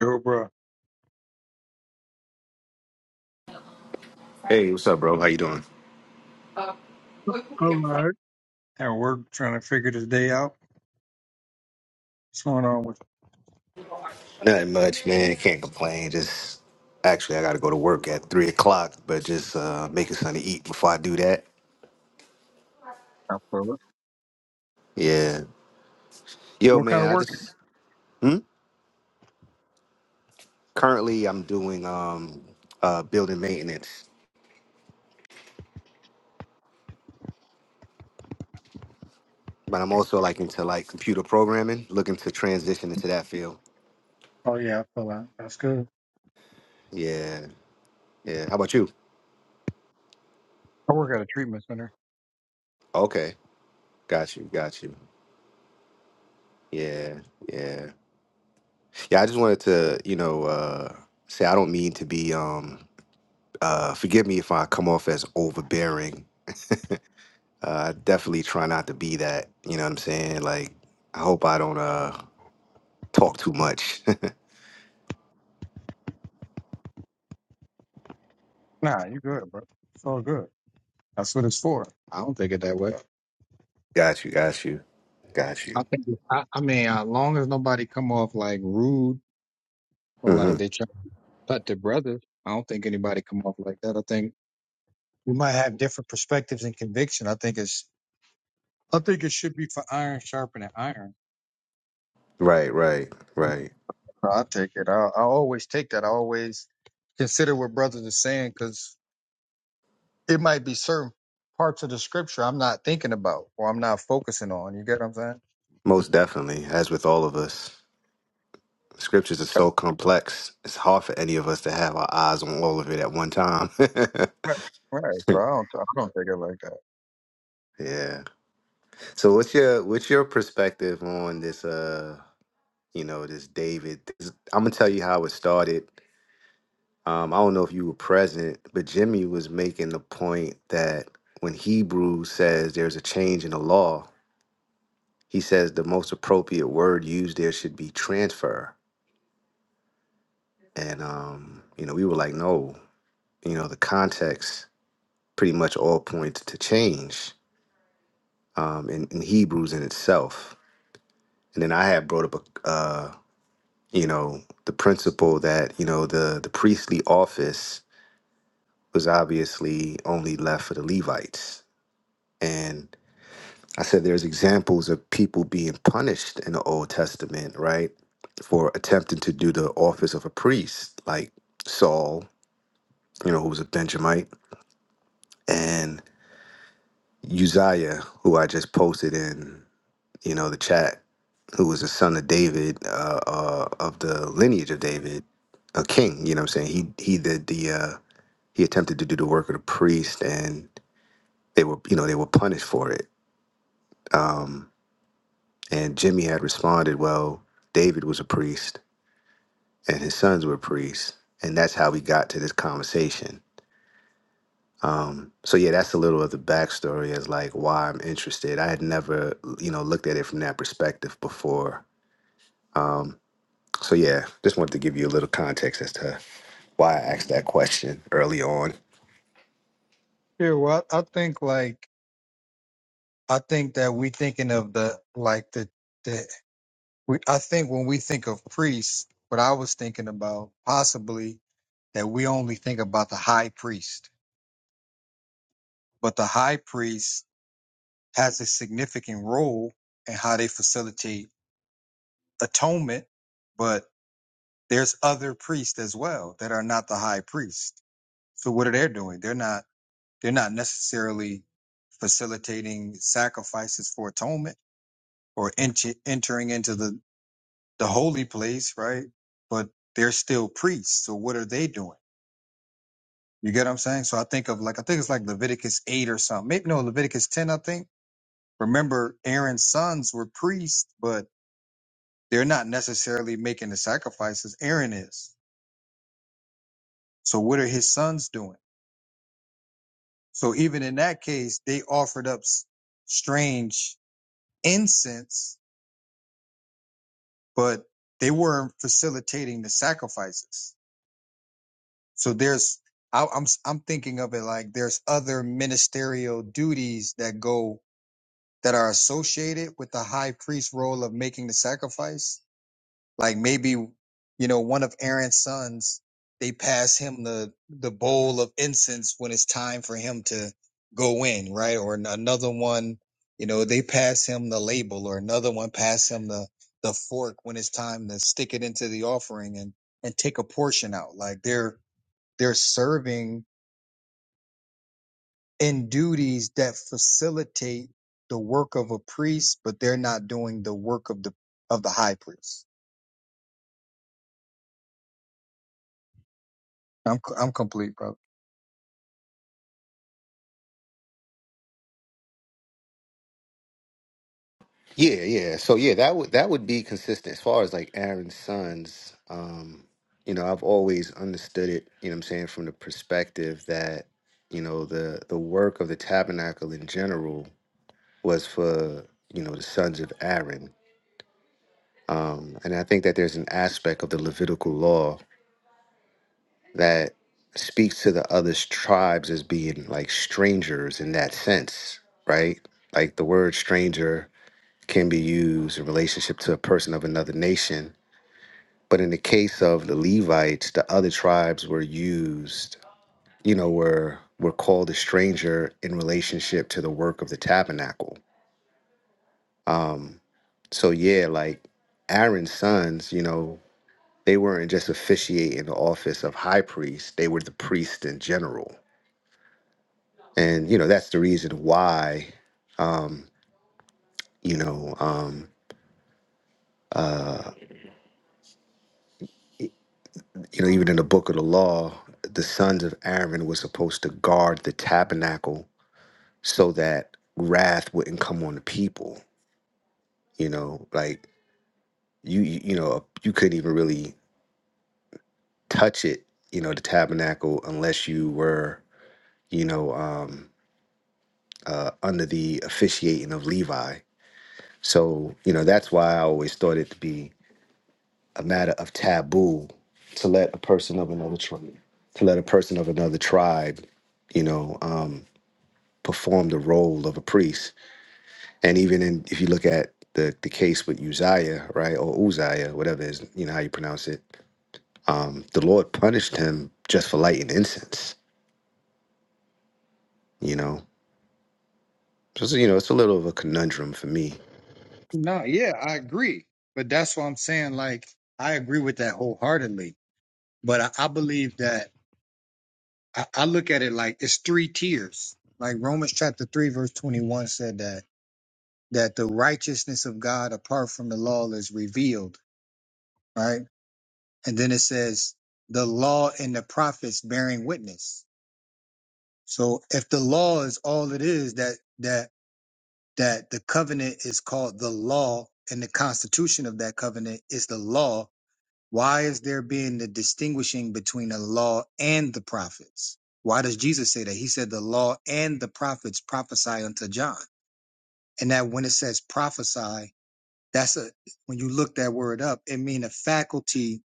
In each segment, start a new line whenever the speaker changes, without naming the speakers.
Yo, bro,
Hey, what's up, bro? How you doing?
All right. at work trying to figure this day out. What's going on with
Nothing much, man. Can't complain. Just actually, I got to go to work at three o'clock, but just uh, making something to eat before I do that.
I feel it.
Yeah. Yo,
What kind
man.
of
I
work?
just hmm? currently I'm doing um uh building maintenance, but I'm also like into like computer programming, looking to transition into that field.
Oh yeah, I feel that. That's good.
Yeah. Yeah. How about you?
I work at a treatment center.
Okay. Got you. Got you. Yeah. Yeah. Yeah. I just wanted to, you know, uh, say I don't mean to be um uh, forgive me if I come off as overbearing. Uh, I definitely try not to be that. You know what I'm saying? Like, I hope I don't uh, talk too much.
Nah, you good, bro. It's all good. That's what it's for. I don't think it that way.
got you, got you, got
I
you.
think I, I mean, as long as nobody come off like rude or
hmm
like they try to cut their brothers, I don't think anybody come off like that. I think we might have different perspectives and conviction. I think it's I think it should be for iron sharpening iron.
Right, right, right.
No, I take it. I, I always take that. I always consider what brothers are saying because it might be certain parts of the scripture I'm not thinking about or I'm not focusing on. You get what I'm saying?
Most definitely, as with all of us, scriptures are so complex. It's hard for any of us to have our eyes on all of it at one time.
Right. Right. So I don't. I don't take it like that.
yeah. So, what's your what's your perspective on this? Uh, you know, this David. This, I'm gonna tell you how it started Um, I don't know if you were present, but Jimmy was making the point that when Hebrews says there's a change in the law, he says the most appropriate word used there should be transfer. And um, you know, we were like, no, you know, the context pretty much all points to change um, in, in Hebrews in itself. And then I had brought up a, uh, you know, the principle that you know the the priestly office was obviously only left for the Levites, and I said there's examples of people being punished in the Old Testament, right, for attempting to do the office of a priest, like Saul, you know, who was a Benjamite, and Uzziah, who I just posted in, you know, the chat, who was a son of David, uh, uh, of the lineage of David, a king. You know, what I'm saying he he did the uh, he attempted to do the work of the priest, and they were you know they were punished for it. Um, and Jimmy had responded, well, David was a priest and his sons were priests, and that's how we got to this conversation. Um, so yeah, that's a little of the backstory as like why I'm interested. I had never, you know, looked at it from that perspective before. Um, so yeah, just wanted to give you a little context as to why I asked that question early on.
Yeah. Well, I, I think like I think that we thinking of the like the the we. I think when we think of priests, what I was thinking about possibly that we only think about the high priest, but the high priest has a significant role in how they facilitate atonement, but there's other priests as well that are not the high priest. So what are they doing? They're not they're not necessarily facilitating sacrifices for atonement or enter, entering into the the holy place, right? But they're still priests. So what are they doing? You get what I'm saying? So I think of like I think it's like Leviticus eight or something. Maybe no Leviticus ten. I think remember Aaron's sons were priests, but They're not necessarily making the sacrifices. Aaron is. So what are his sons doing? So even in that case, they offered up s- strange incense, but they weren't facilitating the sacrifices. So there's, I, I'm, s- I'm thinking of it like there's other ministerial duties that go that are associated with the high priest role of making the sacrifice Like maybe, you know, one of Aaron's sons, they pass him the, the bowl of incense when it's time for him to go in, right? Or an- another one, you know, they pass him the label or another one pass him the, the fork when it's time to stick it into the offering and, and take a portion out. Like they're, they're serving in duties that facilitate the work of a priest, but they're not doing the work of the, of the high priest. I'm, I'm complete, brother.
Yeah, yeah. So yeah, that would that would be consistent as far as like Aaron's sons. Um, you know, I've always understood it. You know, what I'm saying from the perspective that you know the the work of the tabernacle in general was for you know the sons of Aaron, um, and I think that there's an aspect of the Levitical law that speaks to the other tribes as being like strangers in that sense, right? Like the word stranger can be used in relationship to a person of another nation, but in the case of the Levites, the other tribes were used, you know, were were called a stranger in relationship to the work of the tabernacle. um, so yeah, like Aaron's sons, you know, they weren't just officiating the office of high priest; they were the priest in general, and you know that's the reason why, um, you know, um, uh, e- you know, even in the book of the law, the sons of Aaron were supposed to guard the tabernacle so that wrath wouldn't come on the people. You know, like you, you you know, you couldn't even really touch it, you know, the tabernacle unless you were you know, um, uh, under the officiating of Levi. So, you know, that's why I always thought it to be a matter of taboo to let a person of another tribe, to let a person of another tribe, you know, um, perform the role of a priest. And even in, if you look at the, the case with Uzziah, right, or Uzziah, whatever it is, you know, how you pronounce it, um, the Lord punished him just for lighting incense, you know. So, so, you know, it's a little of a conundrum for me.
No, yeah, I agree. But that's what I'm saying. Like, I agree with that wholeheartedly. But I, I believe that I, I look at it like it's three tiers. Like Romans chapter 3, verse 21 said that that the righteousness of God apart from the law is revealed, right? And then it says the law and the prophets bearing witness. So if the law is all it is, that that that the covenant is called the law and the constitution of that covenant is the law Why is there being the distinguishing between the law and the prophets? Why does Jesus say that? He said the law and the prophets prophesy unto John. And that when it says prophesy, that's a when you look that word up, it means a faculty,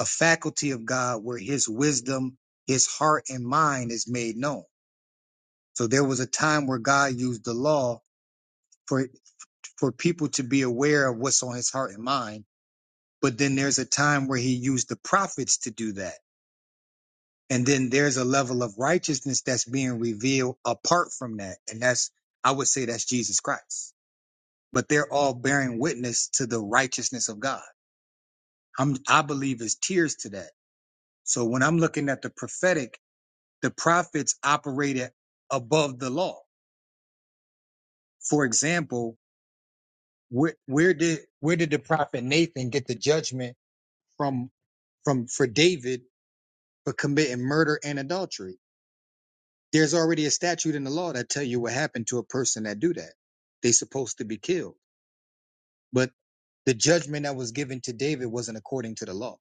a faculty of God where his wisdom, his heart and mind is made known. So there was a time where God used the law for for people to be aware of what's on his heart and mind. But then there's a time where he used the prophets to do that And then there's a level of righteousness that's being revealed apart from that. And that's, I would say that's Jesus Christ. But they're all bearing witness to the righteousness of God. I'm, I believe is tears to that. So when I'm looking at the prophetic, the prophets operated above the law. For example, where, where did, where did the prophet Nathan get the judgment from, from, for David for committing murder and adultery? There's already a statute in the law that tell you what happened to a person that do that. They supposed to be killed. But the judgment that was given to David wasn't according to the law.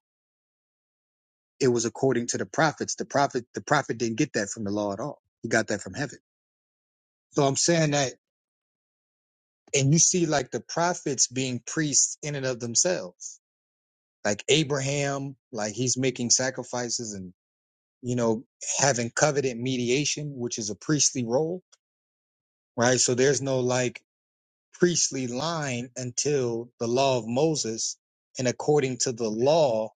It was according to the prophets. The prophet, the prophet didn't get that from the law at all. He got that from heaven. So I'm saying that, and you see like the prophets being priests in and of themselves, like Abraham, like he's making sacrifices and, you know, having covenant mediation, which is a priestly role, right? So there's no like, priestly line until the law of Moses. And according to the law,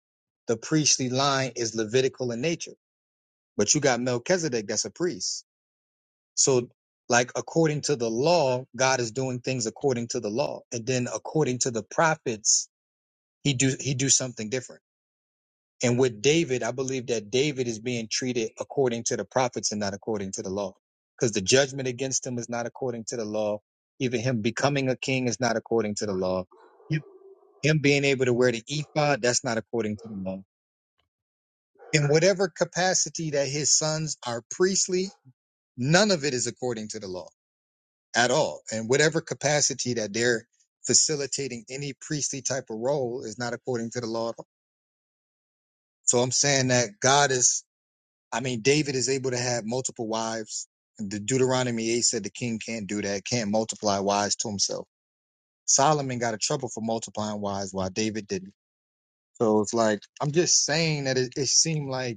the priestly line is Levitical in nature. But you got Melchizedek that's a priest. So, like, according to the law, God is doing things according to the law. And then according to the prophets, he do, he do something different. And with David, I believe that David is being treated according to the prophets and not according to the law. Because the judgment against him is not according to the law. Even him becoming a king is not according to the law him being able to wear the ephod, that's not according to the law. In whatever capacity that his sons are priestly, none of it is according to the law at all. And whatever capacity that they're facilitating any priestly type of role is not according to the law at all. So I'm saying that God is, I mean, David is able to have multiple wives. The Deuteronomy 8 said the king can't do that, can't multiply wives to himself. Solomon got in trouble for multiplying wives while David didn't. So it's like, I'm just saying that it, it seemed like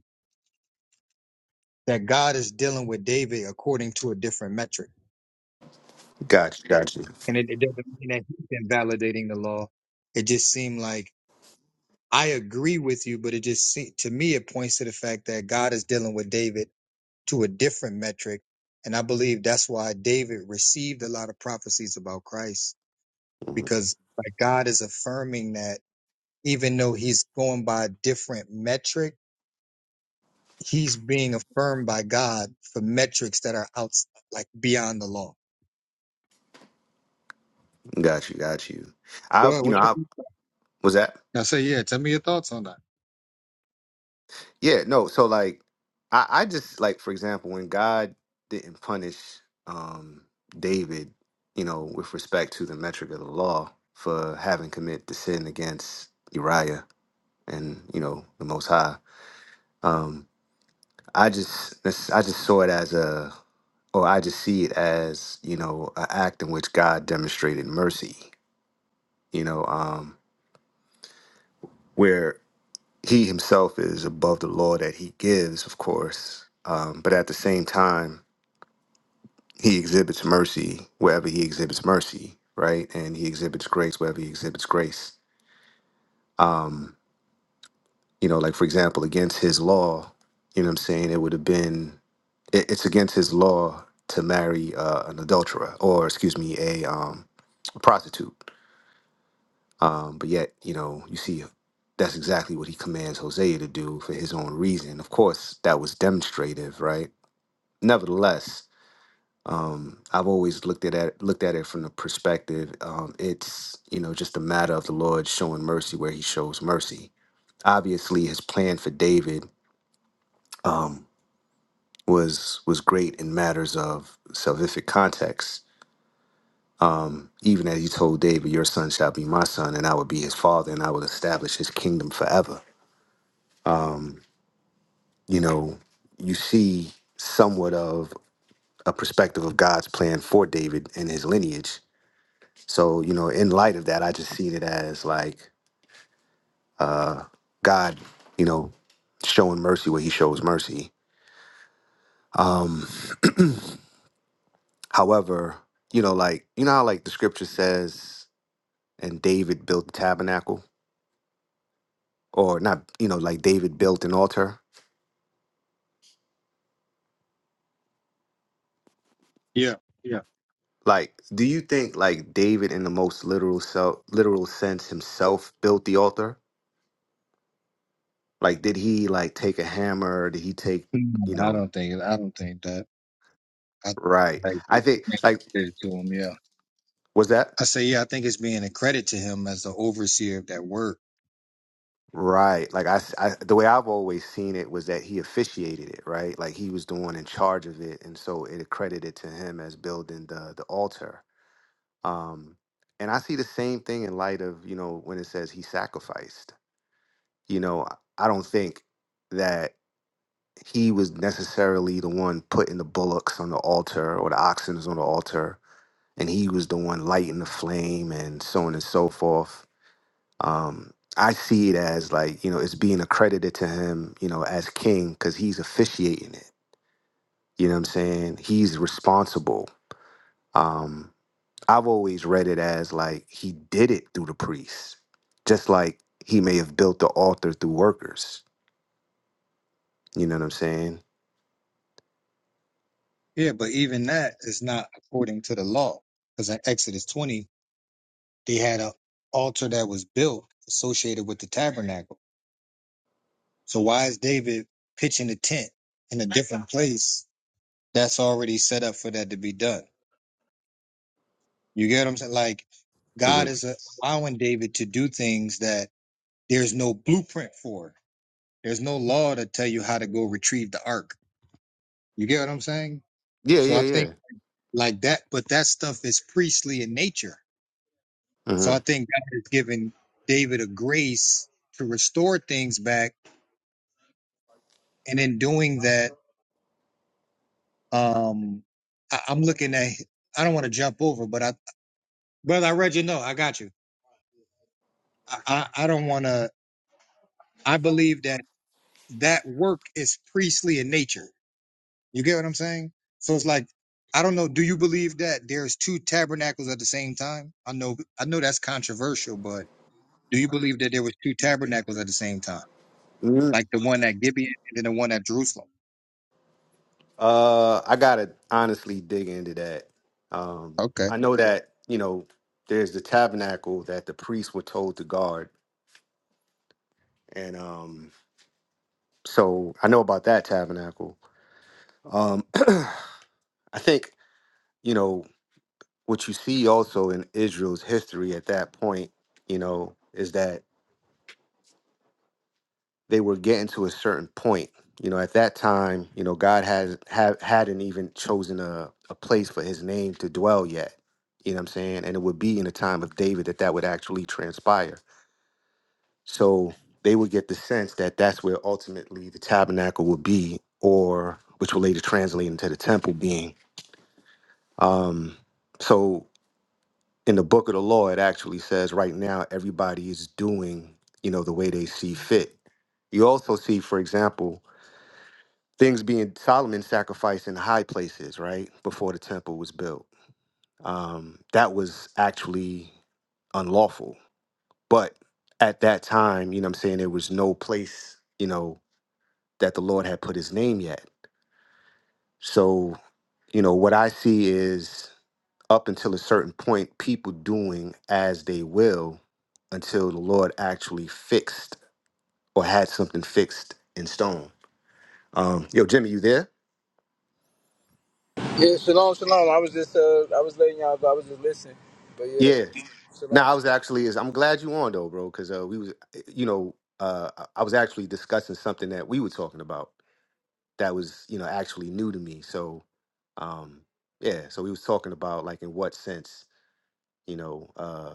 that God is dealing with David according to a different metric.
Gotcha, gotcha.
And it, it doesn't mean that he's invalidating the law. It just seemed like I agree with you, but it just se- to me it points to the fact that God is dealing with David to a different metric, and I believe that's why David received a lot of prophecies about Christ
Mm-hmm.
because like God is affirming that even though he's going by a different metric, he's being affirmed by God for metrics that are outside, like beyond the law.
Got you, got you.
Go
I,
ahead.
you know,
What's your
I was that.
I say, yeah. Tell me your thoughts on that.
Yeah, no. So like, I, I just like, for example, when God didn't punish um David, you know, with respect to the metric of the law for having committed the sin against Uriah and you know the Most High, um, I just, that's- I just saw it as a, or I just see it as you know, an act in which God demonstrated mercy. You know, um, where he himself is above the law that he gives, of course, um, but at the same time, he exhibits mercy wherever he exhibits mercy, right? And he exhibits grace wherever he exhibits grace. Um, you know, like for example, against his law, you know what I'm saying? It would have been, it, it's against his law to marry uh, an adulterer or, excuse me, a, um, a prostitute. Um, but yet, you know, you see that's exactly what he commands Hosea to do for his own reason. Of course, that was demonstrative, right? nevertheless, um, I've always looked at it, looked at it from the perspective um, it's you know just a matter of the Lord showing mercy where He shows mercy. Obviously, His plan for David was was great in matters of salvific context. Even as He told David, "Your son shall be my son, and I will be his father, and I will establish his kingdom forever." You know, you see somewhat of a perspective of God's plan for David and his lineage. So, you know, in light of that, I just seen it as like uh, God, you know, showing mercy where He shows mercy. Um, however, you know, like you know how like the scripture says, and David built the tabernacle, or not, you know, like David built an altar.
Yeah, yeah.
Like, do you think like David, in the most literal self, literal sense, himself built the altar? Like, did he like take a hammer? Did he take,
Mm,
you
I
know,
don't think I don't think that. I think it's
right? I think
like
like
it to him. Yeah.
was that
I say, yeah. I think it's being a credit to him as the overseer of that work.
Right. Like I, s- I- the way I've always seen it was that he officiated it, right? Like he was the one in charge of it, and so it accredited to him as building the the altar. Um, and I see the same thing in light of you know when it says he sacrificed. You know, I don't think that he was necessarily the one putting the bullocks on the altar or the oxen on the altar, and he was the one lighting the flame and so on and so forth um, I see it as like you know it's being accredited to him, you know, as king because he's officiating it. You know what I'm saying? He's responsible. Um, I've always read it as like he did it through the priests, just like he may have built the altar through workers. You know what I'm saying?
Yeah, but even that is not according to the law, because in Exodus twenty, they had a altar that was built associated with the tabernacle. So why is David pitching a tent in a different place that's already set up for that to be done? You get what I'm saying? Like
hmm
God is allowing David to do things that there's no blueprint for. There's no law to tell you how to go retrieve the ark. You get what I'm saying?
Yeah,
So I
yeah,
think
yeah.
like that, but that stuff is priestly in nature. So
hmm
I think God has given David a grace to restore things back. And in doing that, um, I, I'm looking at, I don't want to jump over, but I, brother, I read your note. I got you. I, I, I don't want to, I believe that that work is priestly in nature. You get what I'm saying? So it's like, I don't know. Do you believe that there's two tabernacles at the same time? I know, I know that's controversial, but do you believe that there was two tabernacles at the same time,
hmm
like the one at Gibeon and then the one at Jerusalem?
Uh, I gotta honestly dig into that. Um,
Okay.
I know that you know there's the tabernacle that the priests were told to guard, and um, So I know about that tabernacle. Um, I think, you know, what you see also in Israel's history at that point, you know, is that they were getting to a certain point. You know, at that time, you know, God has ha- hadn't even chosen a, a place for his name to dwell yet. You know what I'm saying? And it would be in the time of David that that would actually transpire. So they would get the sense that that's where ultimately the tabernacle would be, or which will later translate into the temple being. Um, so in the book of the law, it actually says right now everybody is doing, you know, the way they see fit. You also see, for example, things being Solomon sacrificed in high places, right? Before the temple was built. Um, that was actually unlawful. But at that time, you know what I'm saying, there was no place, you know, that the Lord had put his name yet. So, you know, what I see is up until a certain point, people doing as they will until the Lord actually fixed or had something fixed in stone. Um, yo, Jimmy, you there?
Yeah, shalom, shalom. I was just, uh, I was letting y'all go. I was just listening, but
Yeah.
yeah,
No,
shalom
I
to
was
both.
actually is I'm glad you on though, bro, because uh, we was you know uh, I I was actually discussing something that we were talking about that was you know actually new to me. So um, yeah, so we was talking about like in what sense you know uh,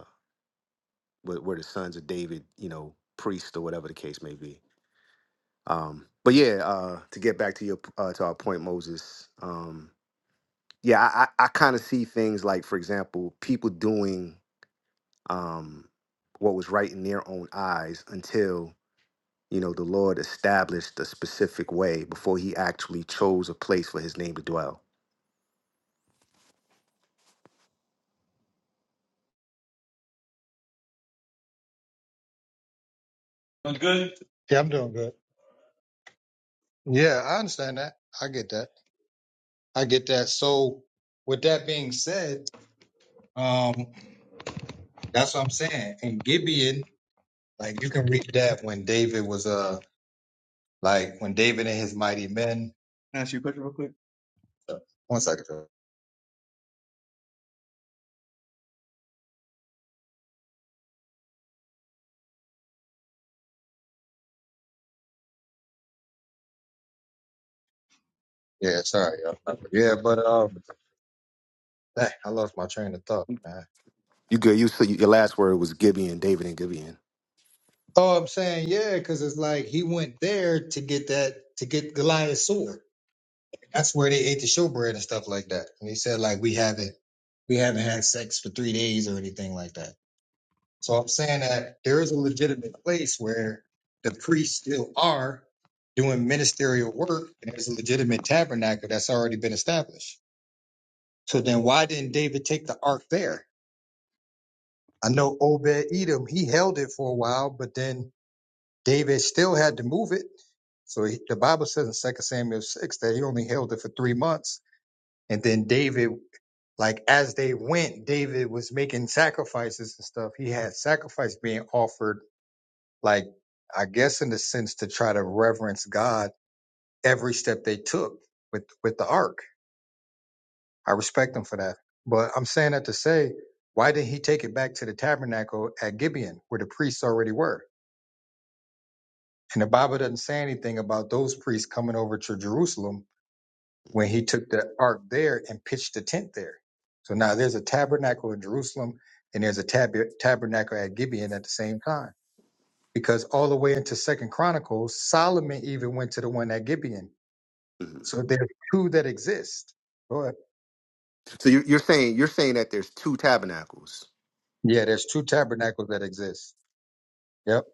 were, were the sons of David you know priests or whatever the case may be. Um, but yeah, uh, to get back to your uh, to our point, Moses. Um, yeah, I, I, I kind of see things like, for example, people doing um, what was right in their own eyes until you know the Lord established a specific way before He actually chose a place for His name to dwell.
Sounds good? Yeah, I'm doing good. Yeah, I understand that. I get that. I get that. So, with that being said, um, that's what I'm saying. And Gibeon, like you can read that when David was uh, like when David and his mighty men. Can I Ask you a question real quick. One second. Joe. Yeah, sorry, y'all. Yeah, but um, dang, I lost my train of thought, man.
You good? You so your last word was Gibeon, David and Gibeon.
Oh, I'm saying yeah, because it's like he went there to get that to get Goliath's sword. That's where they ate the showbread and stuff like that. And he said like we haven't we haven't had sex for three days or anything like that. So I'm saying that there is a legitimate place where the priests still are doing ministerial work, and there's a legitimate tabernacle that's already been established. So then why didn't David take the ark there? I know Obed Edom, he held it for a while, but then David still had to move it. So he, the Bible says in Second Samuel 6 that he only held it for three months. And then David, like as they went, David was making sacrifices and stuff. He had sacrifice being offered, like, I guess in the sense to try to reverence God every step they took with, with the ark. I respect him for that. But I'm saying that to say, why didn't he take it back to the tabernacle at Gibeon where the priests already were? And the Bible doesn't say anything about those priests coming over to Jerusalem when he took the ark there and pitched the tent there. So now there's a tabernacle in Jerusalem and there's a tab- tabernacle at Gibeon at the same time. Because all the way into Second Chronicles, Solomon even went to the one at Gibeon.
Mhm.
So there's two that exist. Go ahead.
So you, you're saying you're saying that there's two tabernacles.
Yeah, there's two tabernacles that exist. Yep,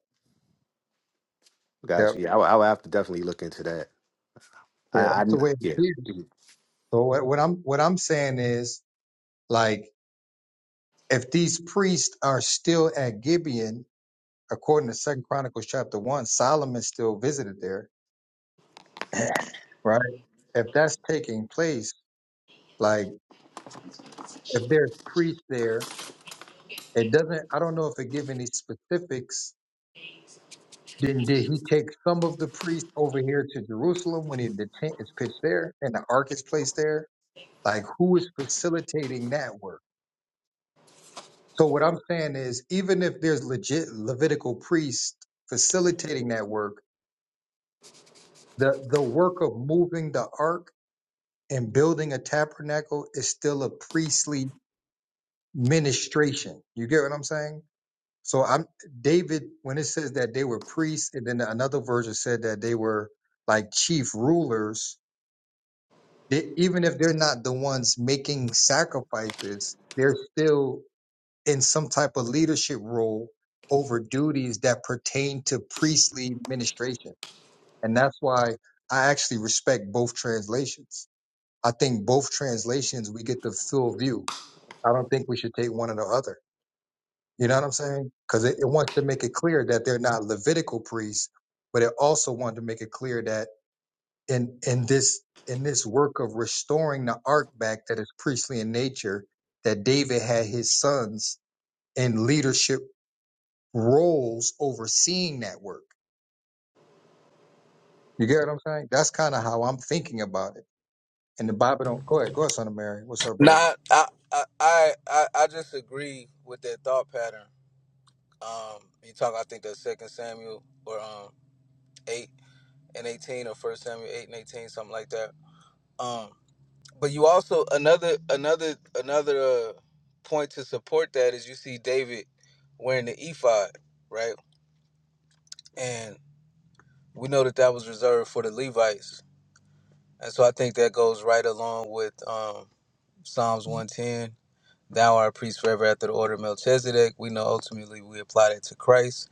yep,
Gotcha. Yeah, I, will- I will have to definitely look into that.
yeah.
I, I
That's the way it
yeah.
appears. So what, what I'm what I'm saying is like if these priests are still at Gibeon according to Second Chronicles chapter one, Solomon still visited there, right? If that's taking place, like if there's priests there, it doesn't. I don't know if it give any specifics. Then did he take some of the priests over here to Jerusalem when he, the tent is pitched there and the ark is placed there? Like who is facilitating that work? So what I'm saying is, even if there's legit Levitical priests facilitating that work, the the work of moving the ark and building a tabernacle is still a priestly ministration. You get what I'm saying? So I'm David when it says that they were priests, and then another version said that they were like chief rulers. They, even if they're not the ones making sacrifices, they're still in some type of leadership role over duties that pertain to priestly ministration, and that's why I actually respect both translations. I think both translations we get the full view I don't think we should take one or the other. You know what I'm saying? Because it, it wants to make it clear that they're not Levitical priests, but it also wanted to make it clear that in in this in this work of restoring the ark back that is priestly in nature, that David had his sons in leadership roles overseeing that work. You get what I'm saying? That's kind of how I'm thinking about it. And the Bible don't go ahead. Go ahead, son of Mary. What's up, brother?
Nah, I, I, I, I I just agree with that thought pattern. Um, you talk, I think that Second Samuel or um eight and eighteen or First Samuel eight and eighteen, something like that. Um, but you also another another another uh, point to support that is you see David wearing the ephod, right? And we know that that was reserved for the Levites. And so I think that goes right along with um, Psalms 110. Thou art a priest forever after the order of Melchizedek. We know ultimately we apply that to Christ,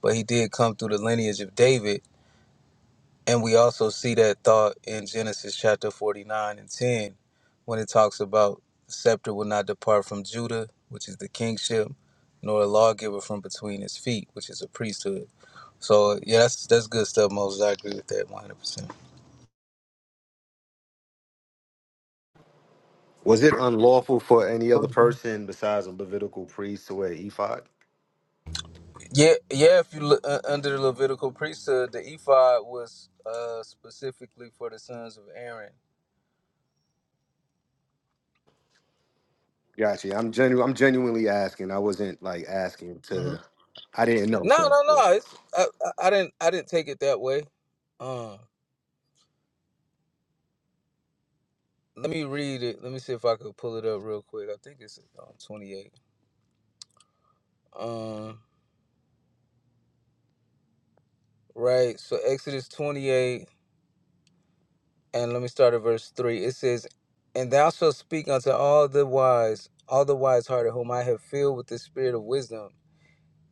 but he did come through the lineage of David. And we also see that thought in Genesis chapter 49 and 10 when it talks about the scepter will not depart from Judah, which is the kingship, nor a lawgiver from between his feet, which is a priesthood. So, yeah, that's, that's good stuff, Moses. I agree with that 100%.
Was it unlawful for any other person besides a Levitical priest to wear ephod?
Yeah, yeah. If you look uh, under the Levitical priesthood, the ephod was uh, specifically for the sons of Aaron.
Gotcha. I'm genu- I'm genuinely asking. I wasn't like asking
hmm
to. I didn't know.
No,
So
no,
yeah.
no. It's I, I, I didn't I didn't take it that way. Um, let me read it. Let me see if I could pull it up real quick. I think it's um, twenty eight. Um, right. So Exodus twenty eight, and let me start at verse three. It says, "And thou shalt speak unto all the wise, all the wise hearted, whom I have filled with the spirit of wisdom."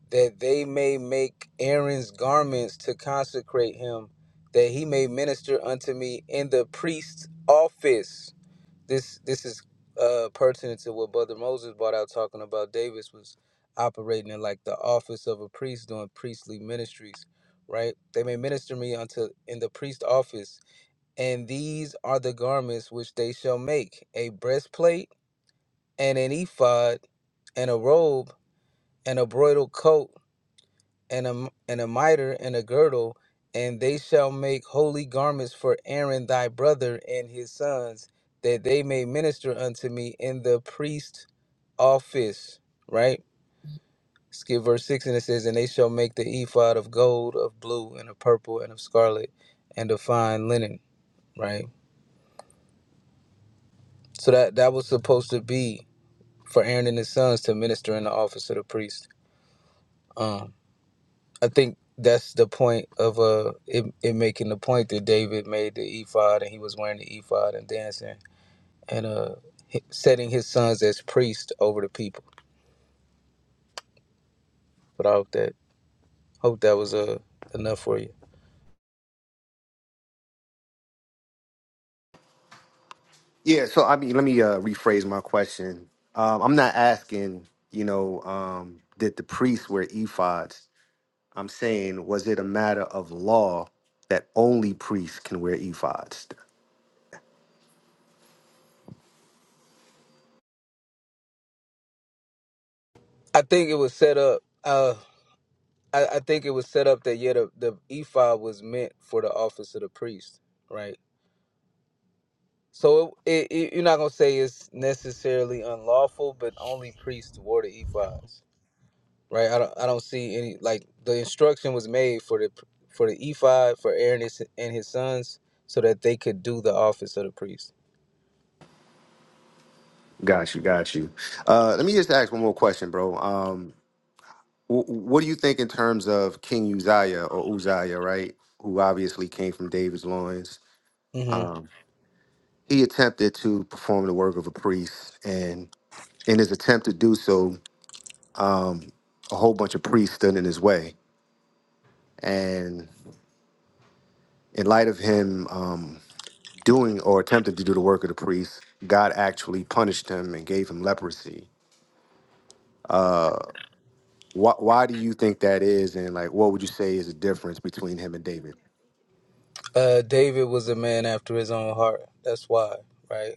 that they may make Aaron's garments to consecrate him, that he may minister unto me in the priest's office. This this is uh pertinent to what Brother Moses brought out talking about. Davis was operating in like the office of a priest doing priestly ministries, right? They may minister me unto in the priest's office, and these are the garments which they shall make a breastplate and an ephod and a robe and a broidal coat and a and a m- and a mitre and a girdle, and they shall make holy garments for Aaron thy brother and his sons, that they may minister unto me in the priest office. Right? Skip verse six, and it says, and they shall make the ephod of gold, of blue, and of purple, and of scarlet, and of fine linen. Right? So that that was supposed to be for Aaron and his sons to minister in the office of the priest. Um, I think that's the point of uh it, it making the point that David made the ephod and he was wearing the ephod and dancing and uh hi- setting his sons as priests over the people. But I hope that hope that was uh enough for you.
Yeah, So I mean, let me uh, rephrase my question. Um, I'm not asking. You know, um, did the priests wear ephods? I'm saying, was it a matter of law that only priests can wear ephods?
I think it was set up. Uh, I, I think it was set up that yeah, the, the ephod was meant for the office of the priest, right? So it, it, it- you're not gonna say it's necessarily unlawful, but only priests wore the ephods right? I don't I don't see any like the instruction was made for the for the ephod for Aaron and his and his sons so that they could do the office of the priest.
Got you. Got you. Uh, let me just ask one more question, bro. Um, wh- what do you think in terms of King Uzziah or Uzziah, right? Who obviously came from David's loins.
hmm
Um, he attempted to perform the work of a priest, and in his attempt to do so, a whole bunch of priests stood in his way. And in light of him um, doing or attempting to do the work of the priest, God actually punished him and gave him leprosy. Why, why do you think that is, and like, what would you say is the difference between him and David?
Uh, David was a man after his own heart. That's why, right?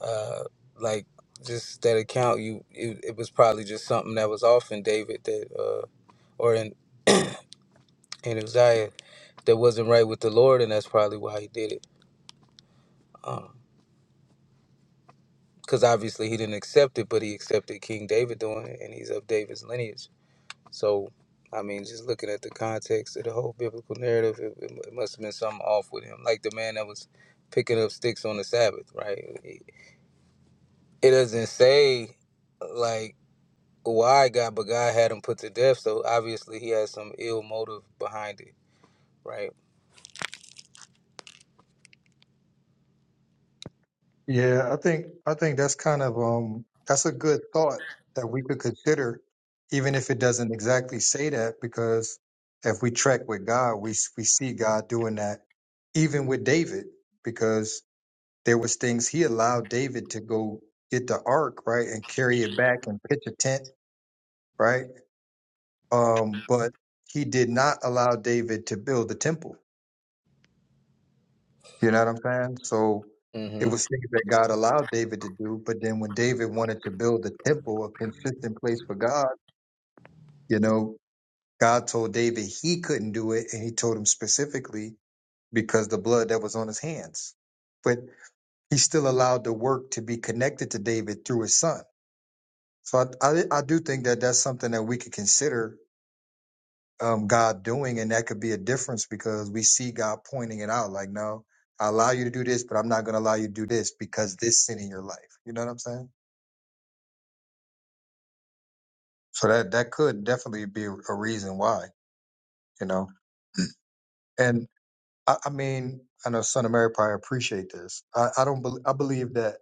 Uh, like just that account, you it, it was probably just something that was off in David that uh, or in in Uzziah that wasn't right with the Lord, and that's probably why he did it. Um because obviously he didn't accept it, but he accepted King David doing it, and he's of David's lineage So, I mean, just looking at the context of the whole biblical narrative, it, it must have been something off with him. Like the man that was picking up sticks on the Sabbath, right? It, doesn't say, like, why God, but God had him put to death. So obviously he has some ill motive behind it, right?
Yeah, I think I think that's kind of um that's a good thought that we could consider, even if it doesn't exactly say that, because if we track with God, we s- we see God doing that, even with David, because there was things he allowed David to go get the ark right and carry it back and pitch a tent right, um, but he did not allow David to build the temple You know what I'm saying? So it
hmm
was things that God allowed David to do, but then when David wanted to build the temple, a consistent place for God, you know, God told David he couldn't do it, and he told him specifically because the blood that was on his hands. But he still allowed the work to be connected to David through his son. So I, I, I do think that that's something that we could consider um, God doing, and that could be a difference because we see God pointing it out. Like, no, I allow you to do this, but I'm not going to allow you to do this because this sin in your life. You know what I'm saying? So that that could definitely be a a reason why. You know, and I, I mean, I know Son of Mary probably appreciate this. I, I don't. bel I believe that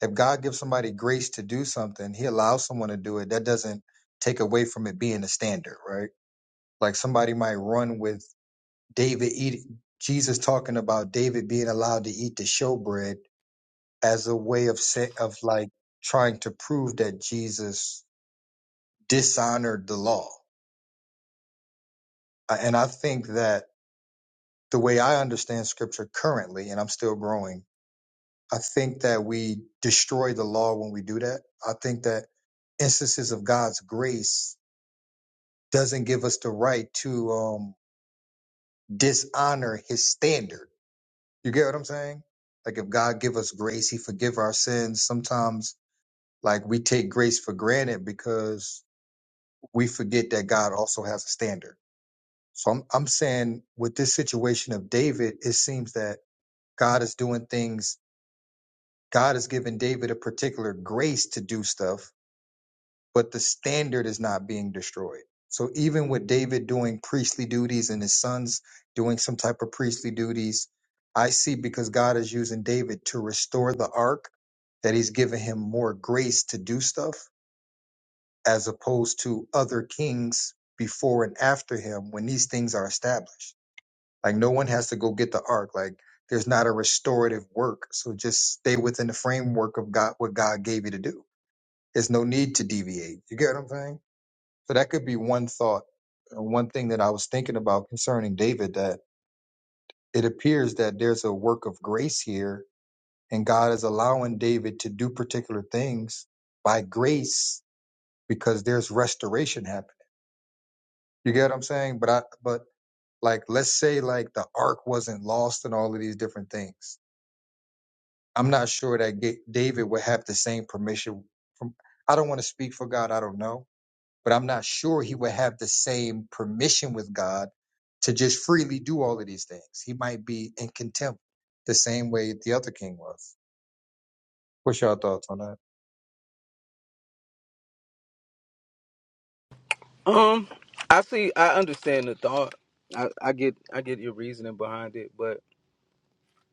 if God gives somebody grace to do something, He allows someone to do it. That doesn't take away from it being a standard, right? Like somebody might run with David eat Jesus talking about David being allowed to eat the showbread as a way of say, of like trying to prove that Jesus dishonored the law. Uh, And I think that the way I understand scripture currently, and I'm still growing, I think that we destroy the law when we do that. I think that instances of God's grace doesn't give us the right to um, dishonor his standard You get what I'm saying? Like if God give us grace, He forgive our sins. Sometimes like we take grace for granted because we forget that God also has a standard. So I'm I'm saying with this situation of David, it seems that God is doing things. God has given David a particular grace to do stuff, but the standard is not being destroyed. So even with David doing priestly duties and his sons doing some type of priestly duties, I see because God is using David to restore the ark that he's given him more grace to do stuff as opposed to other kings before and after him when these things are established. Like no one has to go get the ark. Like there's not a restorative work. So just stay within the framework of God what God gave you to do. There's no need to deviate. You get what I'm saying? So that could be one thought and one thing that I was thinking about concerning David that it appears that there's a work of grace here and God is allowing David to do particular things by grace because there's restoration happening. You get what I'm saying? But I but like let's say like the ark wasn't lost and all of these different things. I'm not sure that Ga- David would have the same permission from I don't want to speak for God, I don't know but I'm not sure he would have the same permission with God to just freely do all of these things. He might be in contempt the same way the other king was. What's your thoughts on that?
Um, I see, I understand the thought. I, I get, I get your reasoning behind it, but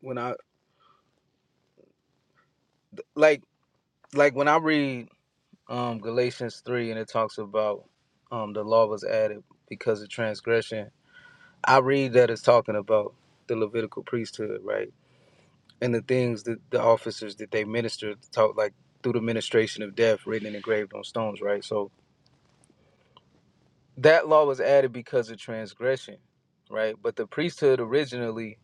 when I, like, like when I read um, Galatians 3, and it talks about um, the law was added because of transgression. I read that it's talking about the Levitical priesthood, right? And the things that the officers that they ministered taught, like through the ministration of death written and engraved on stones, right? So that law was added because of transgression, right? But the priesthood originally,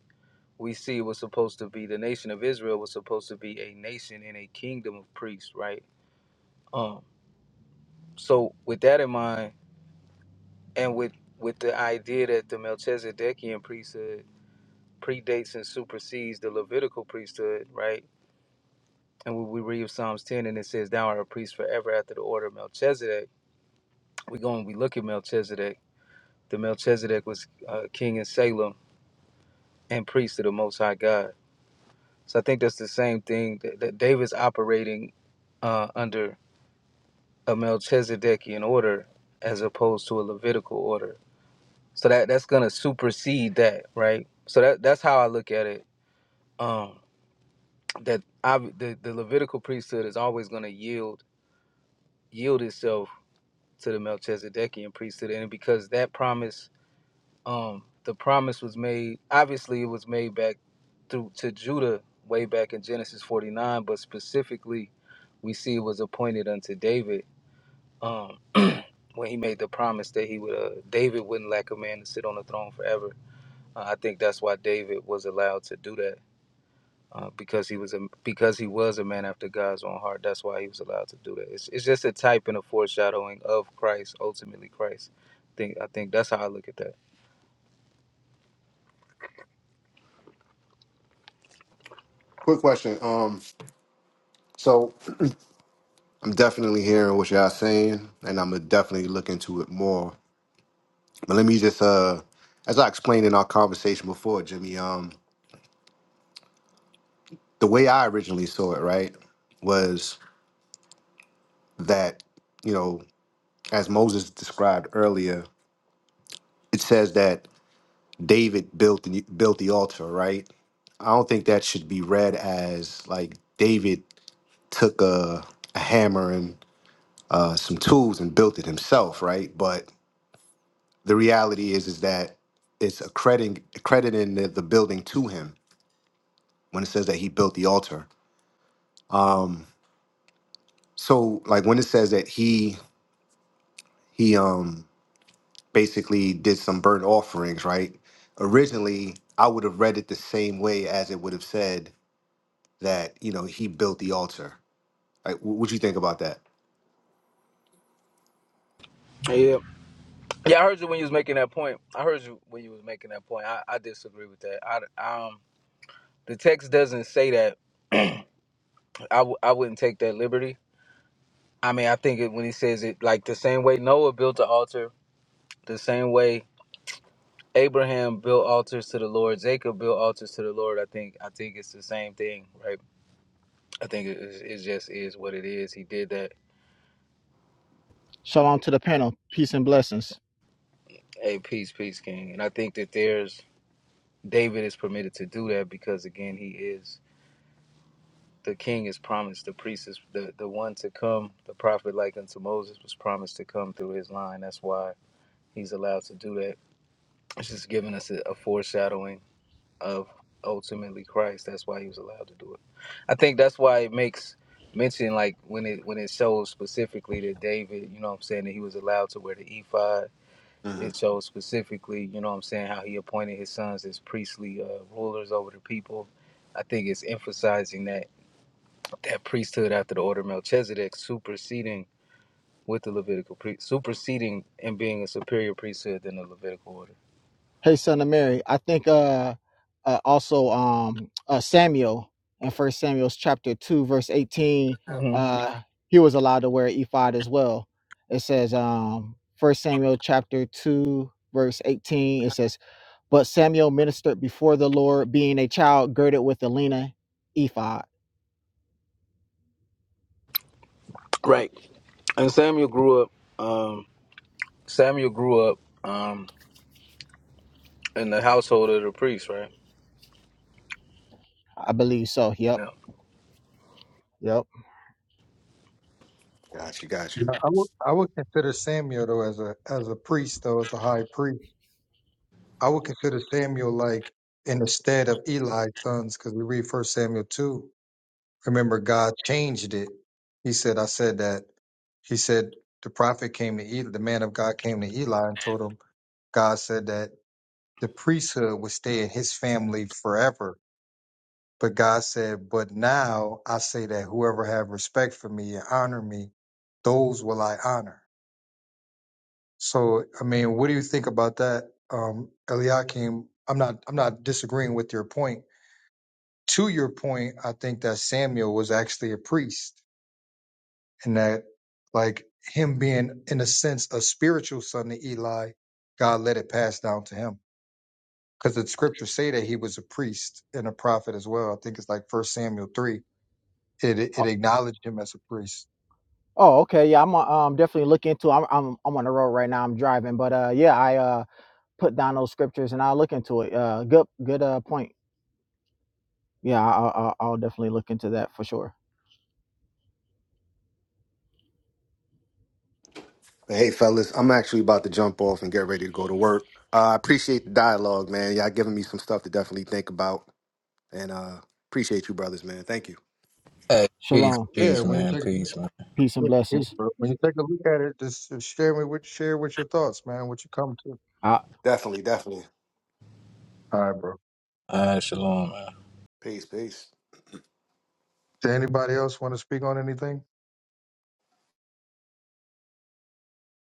we see, was supposed to be the nation of Israel was supposed to be a nation and a kingdom of priests, right? Um, so with that in mind, and with with the idea that the Melchizedekian priesthood predates and supersedes the Levitical priesthood, right? And when we read Psalms 10 and it says, Thou art a priest forever after the order of Melchizedek, we go and we look at Melchizedek. The Melchizedek was uh, king in Salem and priest of the Most High God. So I think that's the same thing that, that David's operating uh, under a Melchizedekian order as opposed to a Levitical order. So that, that's going to supersede that, right? So that, that's how I look at it um, that I, the, the Levitical priesthood is always going to yield yield itself to the Melchizedekian priesthood, and because that promise, um, the promise was made. Obviously, it was made back through to Judah way back in Genesis forty nine, but specifically, we see it was appointed unto David um, when he made the promise that he would uh, David wouldn't lack a man to sit on the throne forever. Uh, I think that's why David was allowed to do that uh, because he was a because he was a man after God's own heart. That's why he was allowed to do that. It's, it's just a type and a foreshadowing of Christ, ultimately Christ. I think I think that's how I look at that.
Quick question. Um, so I'm definitely hearing what y'all saying, and I'm gonna definitely look into it more. But let me just, uh, as I explained in our conversation before, Jimmy, um, the way I originally saw it, right, was that you know, as Moses described earlier, it says that David built the, built the altar, right? I don't think that should be read as like David took a, a hammer and uh, some tools and built it himself, right? But the reality is is that it's accrediting accrediting the, the building to him when it says that he built the altar so like when it says that he he um basically did some burnt offerings right originally i would have read it the same way as it would have said that you know he built the altar like wh- what you think about that
Yeah. Yeah, I heard you when you was making that point. I heard you when you was making that point. I, I disagree with that. I um the text doesn't say that. I w- I wouldn't take that liberty. I mean, I think it, when he says it, like the same way Noah built an altar, the same way Abraham built altars to the Lord, Jacob built altars to the Lord. I think I think it's the same thing, right? I think it, it just is what it is. He did that.
Shalom to the panel. Peace and blessings.
Hey, peace, peace, king. And I think that there's David is permitted to do that because again, he is the king is promised. The priest is the the one to come. The prophet, like unto Moses, was promised to come through his line. That's why he's allowed to do that. It's just giving us a, a foreshadowing of ultimately Christ. That's why he was allowed to do it. I think that's why it makes mention like when it when it shows specifically that David, you know what I'm saying, that he was allowed to wear the ephod
hmm
it shows specifically, you know what I'm saying, how he appointed his sons as priestly uh, rulers over the people. I think it's emphasizing that that priesthood after the order of Melchizedek superseding with the Levitical priest, superseding and being a superior priesthood than the Levitical order.
Hey, son of Mary. I think uh, uh also um uh Samuel in First Samuel chapter two verse eighteen
hmm
uh he was allowed to wear an ephod as well. It says um First Samuel chapter two verse eighteen it says but Samuel ministered before the Lord being a child girded with a linen ephod.
Right. And Samuel grew up. Um, Samuel grew up um, in the household of the priest, right?
I believe so. Yep.
Yeah.
Yep.
got you got you
Yeah, I would I would consider Samuel though as a as a priest though as a high priest. I would consider Samuel like in the stead of Eli's sons because we read First Samuel two. Remember, God changed it. He said, "I said that." He said the prophet came to Eli, the man of God came to Eli and told him God said that the priesthood would stay in his family forever. But God said, But now I say that whoever have respect for me and honor me, those will I honor. So I mean, what do you think about that? Um Eliakim, I'm not I'm not disagreeing with your point. To your point, I think that Samuel was actually a priest and that like him being in a sense a spiritual son to Eli, God let it pass down to him. because the scriptures say that he was a priest and a prophet as well. I think it's like First Samuel three. It it acknowledged him as a priest.
Oh, okay. Yeah, I'm uh, um definitely look into. I'm I'm I'm on the road right now. I'm driving, but uh, yeah, I uh put down those scriptures and I'll look into it. Uh, good good uh point. Yeah, I, I, I'll I'll definitely look into that for sure.
But hey fellas i'm actually about to jump off and get ready to go to work uh, i appreciate the dialogue man y'all giving me some stuff to definitely think about And uh appreciate you brothers, man. Thank you.
Hey, peace,
Shalom,
Yeah,
peace,
when you
man,
take a
peace, man.
peace and
look,
blessings.
when you take a look at it, just share me with share with your thoughts, man. What you come to.
I
Definitely, definitely.
All right, bro.
Ah, shalom, man.
Peace, peace.
Did anybody else want to speak on anything?